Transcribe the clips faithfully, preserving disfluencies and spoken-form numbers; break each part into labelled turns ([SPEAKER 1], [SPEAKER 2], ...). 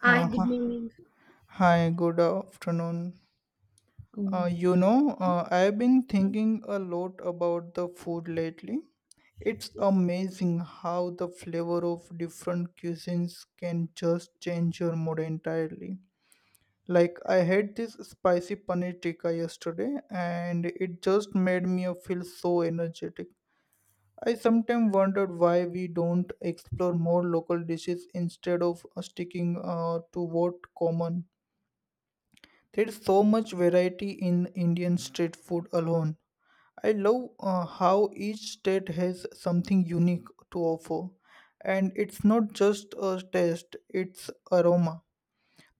[SPEAKER 1] Hi,
[SPEAKER 2] Uh, hi,
[SPEAKER 1] good morning.
[SPEAKER 2] hi, good afternoon. Uh,
[SPEAKER 1] Oh,
[SPEAKER 2] you know, uh, I've been
[SPEAKER 1] yeah.
[SPEAKER 2] thinking a lot about the food lately. It's amazing how the flavor of different cuisines can just change your mood entirely. Like, I had this spicy paneer tikka yesterday, and it just made me feel so energetic. I sometimes wondered why we don't explore more local dishes instead of uh, sticking uh, to what common. There's so much variety in Indian street food alone. I love uh, how each state has something unique to offer. And it's not just a taste, it's aroma,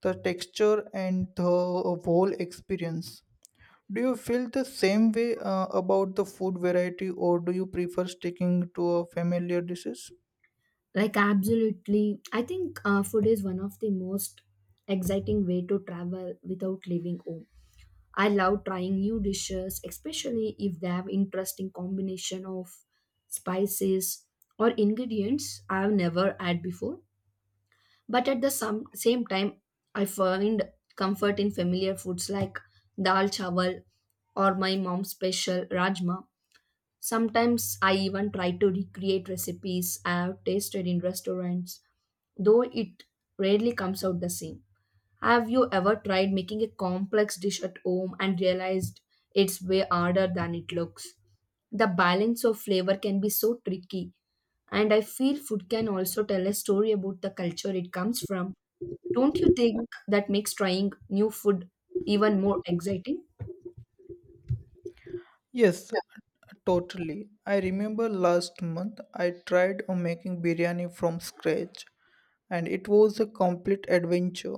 [SPEAKER 2] the texture, and the whole experience. Do you feel the same way uh, about the food variety, or do you prefer sticking to a familiar dishes?
[SPEAKER 1] like Absolutely. I think uh, food is one of the most exciting way to travel without leaving home. I love trying new dishes, especially if they have interesting combination of spices or ingredients I have never had before. But at the some, same time, I find comfort in familiar foods like dal chawal or my mom's special rajma. Sometimes I even try to recreate recipes I have tasted in restaurants, though it rarely comes out the same. Have you ever tried making a complex dish at home and realized it's way harder than it looks? The balance of flavor can be so tricky, and I feel food can also tell a story about the culture it comes from. Don't you think that makes trying new food even more exciting?
[SPEAKER 2] Yes, totally. I remember last month I tried uh, making biryani from scratch and it was a complete adventure.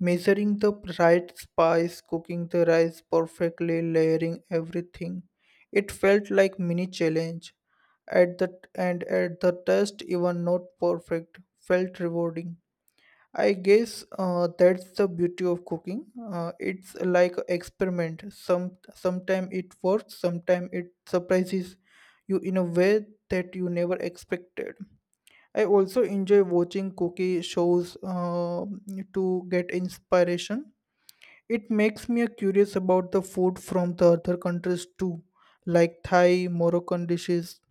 [SPEAKER 2] Measuring the right spice, cooking the rice perfectly, layering everything. It felt like mini challenge. At the and at the test even not perfect felt rewarding. I guess uh, that's the beauty of cooking. Uh, it's like a experiment. Some sometime it works, sometime it surprises you in a way that you never expected. I also enjoy watching cookie shows uh, to get inspiration. It makes me curious about the food from the other countries too, like Thai, Moroccan dishes,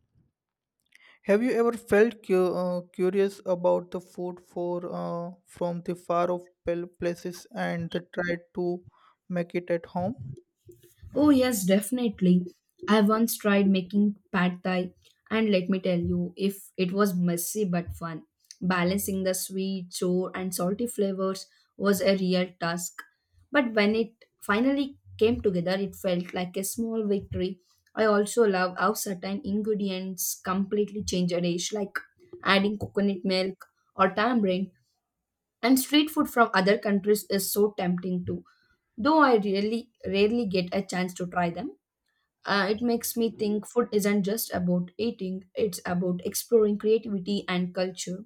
[SPEAKER 2] have you ever felt cu- uh, curious about the food for uh, from the far off pal- places and the tried to make it at home?
[SPEAKER 1] Oh, yes, definitely. I once tried making pad thai, and let me tell you, if it was messy but fun. Balancing the sweet, sour, and salty flavors was a real task. But when it finally came together, it felt like a small victory. I also love how certain ingredients completely change a dish, like adding coconut milk or tamarind. And street food from other countries is so tempting too, though I really rarely get a chance to try them. Uh, it makes me think food isn't just about eating, it's about exploring creativity and culture.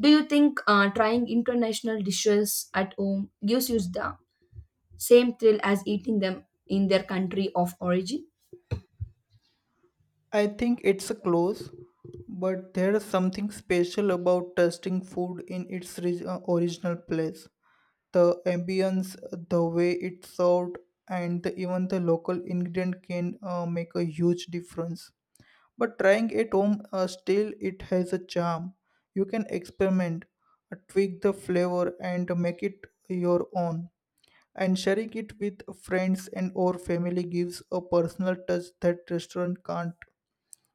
[SPEAKER 1] Do you think uh, trying international dishes at home gives you the same thrill as eating them in their country of origin?
[SPEAKER 2] I think it's a close, but there is something special about tasting food in its ri- uh, original place. The ambience, the way it's served, and the, even the local ingredient can uh, make a huge difference. But trying at home uh, still it has a charm. You can experiment, uh, tweak the flavor and make it your own. And sharing it with friends and or family gives a personal touch that restaurant can't.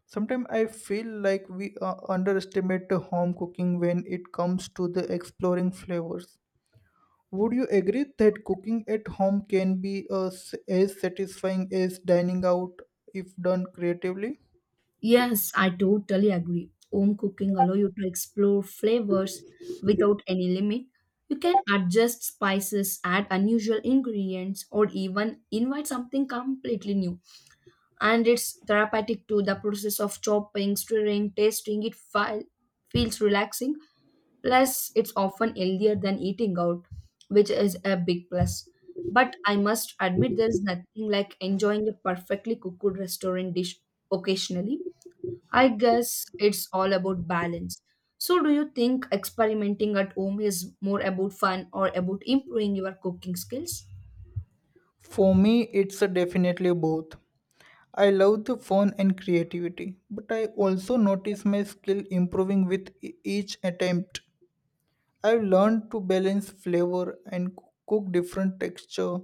[SPEAKER 2] Sometimes I feel like we uh, underestimate the home cooking when it comes to the exploring flavors. Would you agree that cooking at home can be uh, s- as satisfying as dining out if done creatively?
[SPEAKER 1] Yes, I totally agree. Home cooking allows you to explore flavors without any limit. You can adjust spices, add unusual ingredients, or even invite something completely new. And it's therapeutic too. The process of chopping, stirring, tasting it fi- feels relaxing. Plus, it's often healthier than eating out, which is a big plus. But I must admit, there's nothing like enjoying a perfectly cooked restaurant dish occasionally. I guess it's all about balance. So, do you think experimenting at home is more about fun or about improving your cooking skills?
[SPEAKER 2] For me, it's definitely both. I love the fun and creativity, but I also notice my skill improving with e- each attempt. I've learned to balance flavor and c- cook different texture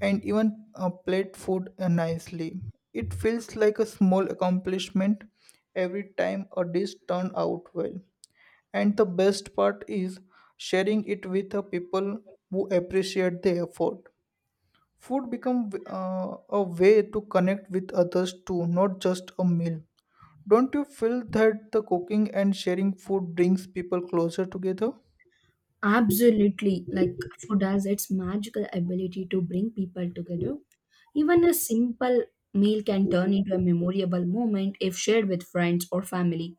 [SPEAKER 2] and even uh, plate food uh, nicely. It feels like a small accomplishment every time a dish turns out well. And the best part is sharing it with the people who appreciate the effort. Food become uh, a way to connect with others too, not just a meal. Don't you feel that the cooking and sharing food brings people closer together?
[SPEAKER 1] Absolutely. Like food has its magical ability to bring people together. Even a simple meal can turn into a memorable moment if shared with friends or family.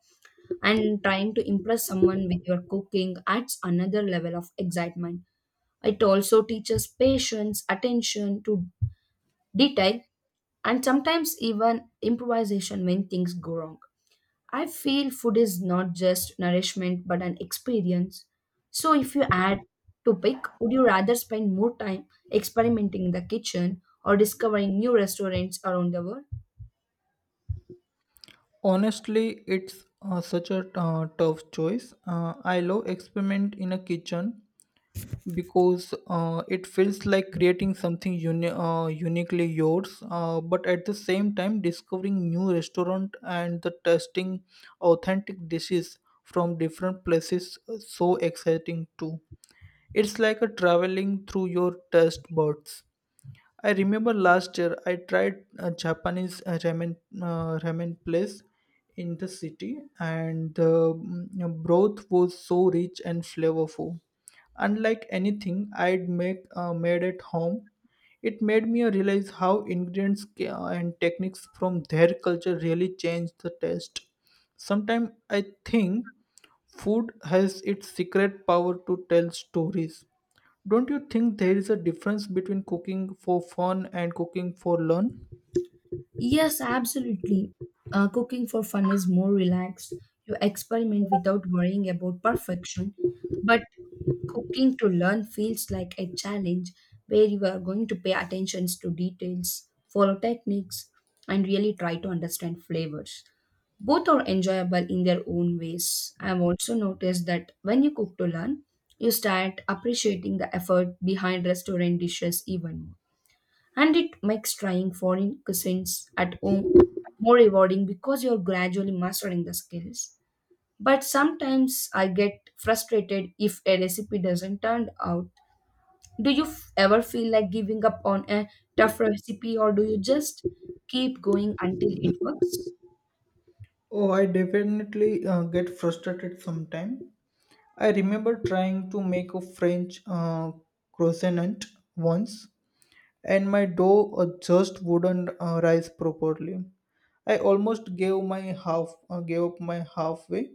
[SPEAKER 1] And trying to impress someone with your cooking adds another level of excitement. It also teaches patience, attention to detail, and sometimes even improvisation when things go wrong. I feel food is not just nourishment but an experience. So, if you had to pick, would you rather spend more time experimenting in the kitchen or discovering new restaurants around the world?
[SPEAKER 2] Honestly, it's uh, such a uh, tough choice. Uh, I love experiment in a kitchen, because uh, it feels like creating something uni- uh, uniquely yours uh, but at the same time discovering new restaurant and the testing authentic dishes from different places uh, so exciting too. It's like a traveling through your taste buds. I remember last year I tried a Japanese uh, ramen uh, ramen place in the city, and the mm, broth was so rich and flavorful, unlike anything I'd make uh, made at home. It made me realize how ingredients ca- and techniques from their culture really change the taste. Sometimes I think food has its secret power to tell stories. Don't you think there is a difference between cooking for fun and cooking for learn?
[SPEAKER 1] Yes, absolutely. Uh, cooking for fun is more relaxed. You experiment without worrying about perfection. But cooking to learn feels like a challenge where you are going to pay attention to details, follow techniques, and really try to understand flavors. Both are enjoyable in their own ways. I've also noticed that when you cook to learn, you start appreciating the effort behind restaurant dishes even more. And it makes trying foreign cuisines at home more rewarding because you're gradually mastering the skills. But sometimes I get frustrated if a recipe doesn't turn out. Do you f- ever feel like giving up on a tough recipe, or do you just keep going until it works?
[SPEAKER 2] Oh, I definitely uh, get frustrated sometimes. I remember trying to make a French uh, croissant once, and my dough uh, just wouldn't uh, rise properly. I almost gave my half uh, gave up my halfway,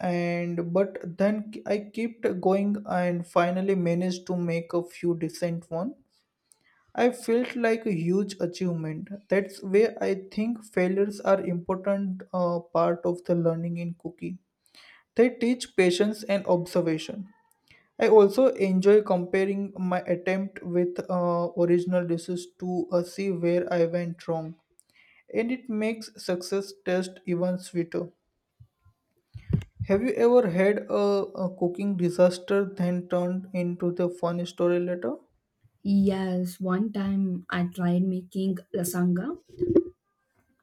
[SPEAKER 2] and but then I kept going and finally managed to make a few decent one. I felt like a huge achievement. That's where I think failures are important uh, part of the learning in cooking. They teach patience and observation. I also enjoy comparing my attempt with uh, original dishes to uh, see where I went wrong, and it makes success taste even sweeter. Have you ever had a, a cooking disaster then turned into the funny story later?
[SPEAKER 1] Yes, one time I tried making lasagna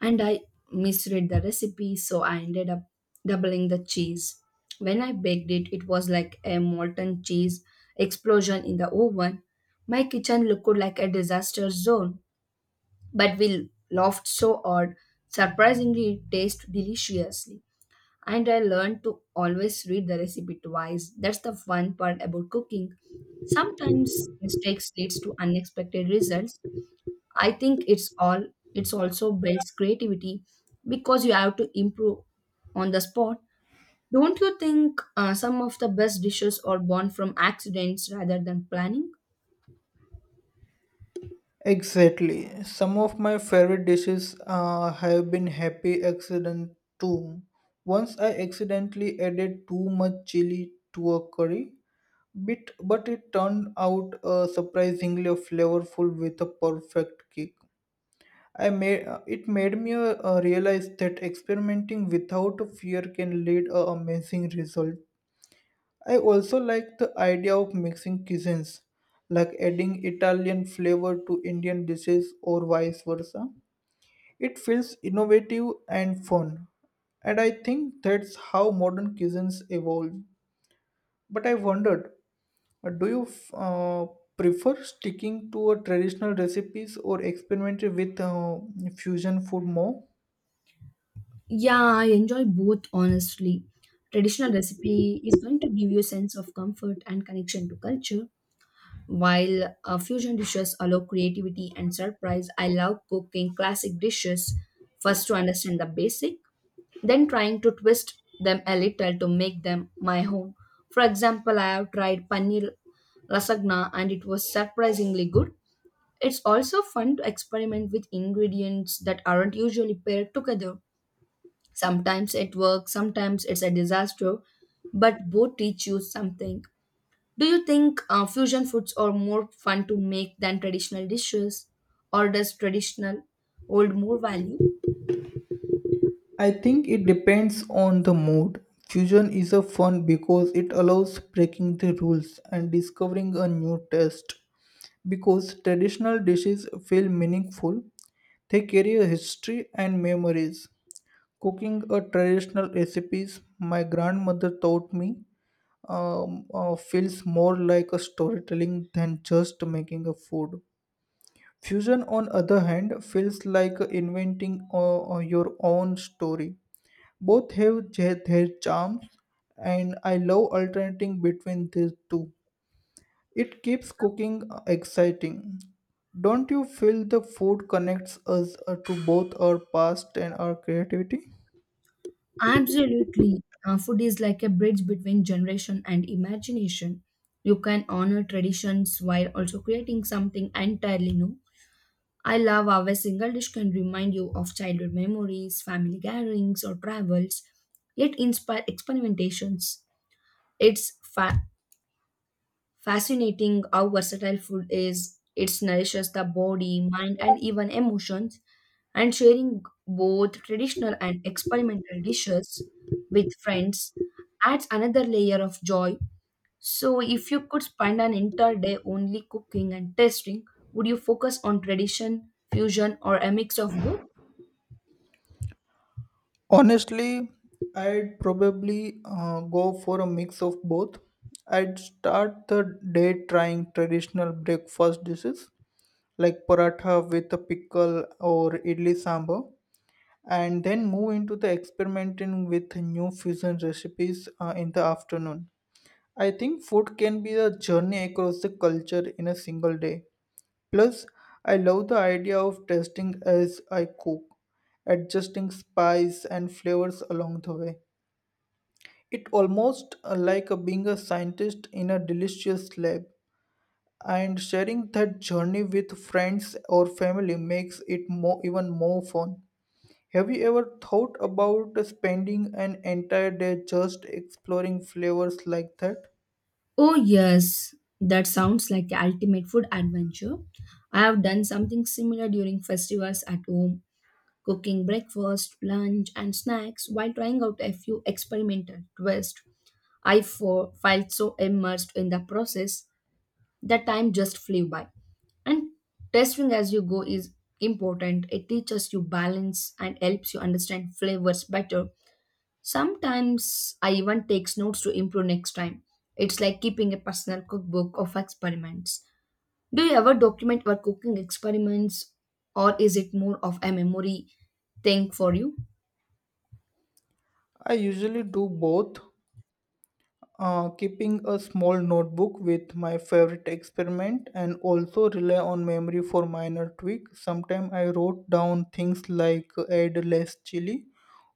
[SPEAKER 1] and I misread the recipe, so I ended up doubling the cheese. When I baked it, it was like a molten cheese explosion in the oven. My kitchen looked like a disaster zone, but we laughed so hard. Surprisingly, it tasted deliciously. And I learned to always read the recipe twice. That's the fun part about cooking. Sometimes mistakes leads to unexpected results. I think it's all it's also builds creativity because you have to improve on the spot. Don't you think uh, some of the best dishes are born from accidents rather than planning?
[SPEAKER 2] Exactly. Some of my favorite dishes uh, have been happy accident too. Once I accidentally added too much chili to a curry, bit, but it turned out uh, surprisingly flavorful with a perfect kick. I made it made me uh, realize that experimenting without fear can lead a amazing result. I also like the idea of mixing cuisines, like adding Italian flavor to Indian dishes or vice versa. It feels innovative and fun, and I think that's how modern cuisines evolve. But I wondered, uh, do you f- uh, prefer sticking to a traditional recipes or experimenting with uh, fusion food more?
[SPEAKER 1] Yeah, I enjoy both honestly. Traditional recipe is going to give you a sense of comfort and connection to culture, while uh, fusion dishes allow creativity and surprise. I love cooking classic dishes first to understand the basic, then trying to twist them a little to make them my own. For example, I have tried paneer lasagna and it was surprisingly good. It's also fun to experiment with ingredients that aren't usually paired together. Sometimes it works, sometimes it's a disaster, but both teach you something. Do you think uh, fusion foods are more fun to make than traditional dishes, or does traditional hold more value?
[SPEAKER 2] I think it depends on the mood. Fusion is a fun because it allows breaking the rules and discovering a new taste. Because traditional dishes feel meaningful, they carry a history and memories. Cooking a traditional recipes my grandmother taught me um, uh, feels more like a storytelling than just making a food. Fusion, on other hand, feels like inventing uh, uh, your own story. Both have their, their charms, and I love alternating between these two. It keeps cooking uh, exciting. Don't you feel the food connects us uh, to both our past and our creativity?
[SPEAKER 1] Absolutely. Uh, food is like a bridge between generation and imagination. You can honor traditions while also creating something entirely new. I love how a single dish can remind you of childhood memories, family gatherings, or travels, yet inspire experimentations. It's fa- fascinating how versatile food is. It nourishes the body, mind, and even emotions, and sharing both traditional and experimental dishes with friends adds another layer of joy. So, if you could spend an entire day only cooking and tasting, would you focus on tradition, fusion, or a mix of both?
[SPEAKER 2] Honestly, I'd probably uh, go for a mix of both. I'd start the day trying traditional breakfast dishes like paratha with a pickle or idli sambar, and then move into the experimenting with new fusion recipes uh, in the afternoon. I think food can be a journey across the culture in a single day. Plus, I love the idea of testing as I cook, adjusting spice and flavors along the way. It almost uh, like a, being a scientist in a delicious lab, and sharing that journey with friends or family makes it more even more fun. Have you ever thought about spending an entire day just exploring flavors like that?
[SPEAKER 1] Oh, yes, that sounds like the ultimate food adventure. I have done something similar during festivals at home, cooking breakfast, lunch, and snacks while trying out a few experimental twists. I fo- felt so immersed in the process that time just flew by. And testing as you go is important. It teaches you balance and helps you understand flavors better. Sometimes I even takes notes to improve next time. It's like keeping a personal cookbook of experiments. Do you ever document your cooking experiments, or is it more of a memory thing for you?
[SPEAKER 2] I usually do both. Uh, keeping a small notebook with my favorite experiment and also rely on memory for minor tweak. Sometimes I wrote down things like add less chili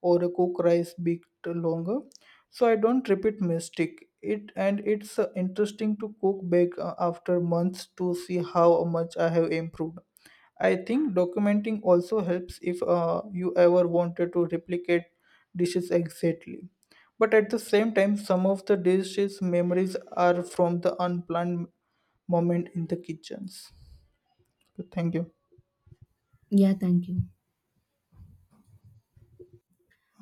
[SPEAKER 2] or cook rice bit longer, so I don't repeat mistake. It and it's uh, interesting to cook back uh, after months to see how much I have improved. I think documenting also helps if uh, you ever wanted to replicate dishes exactly. But at the same time, some of the dishes' memories are from the unplanned moment in the kitchens. Okay, thank you.
[SPEAKER 1] Yeah, thank you.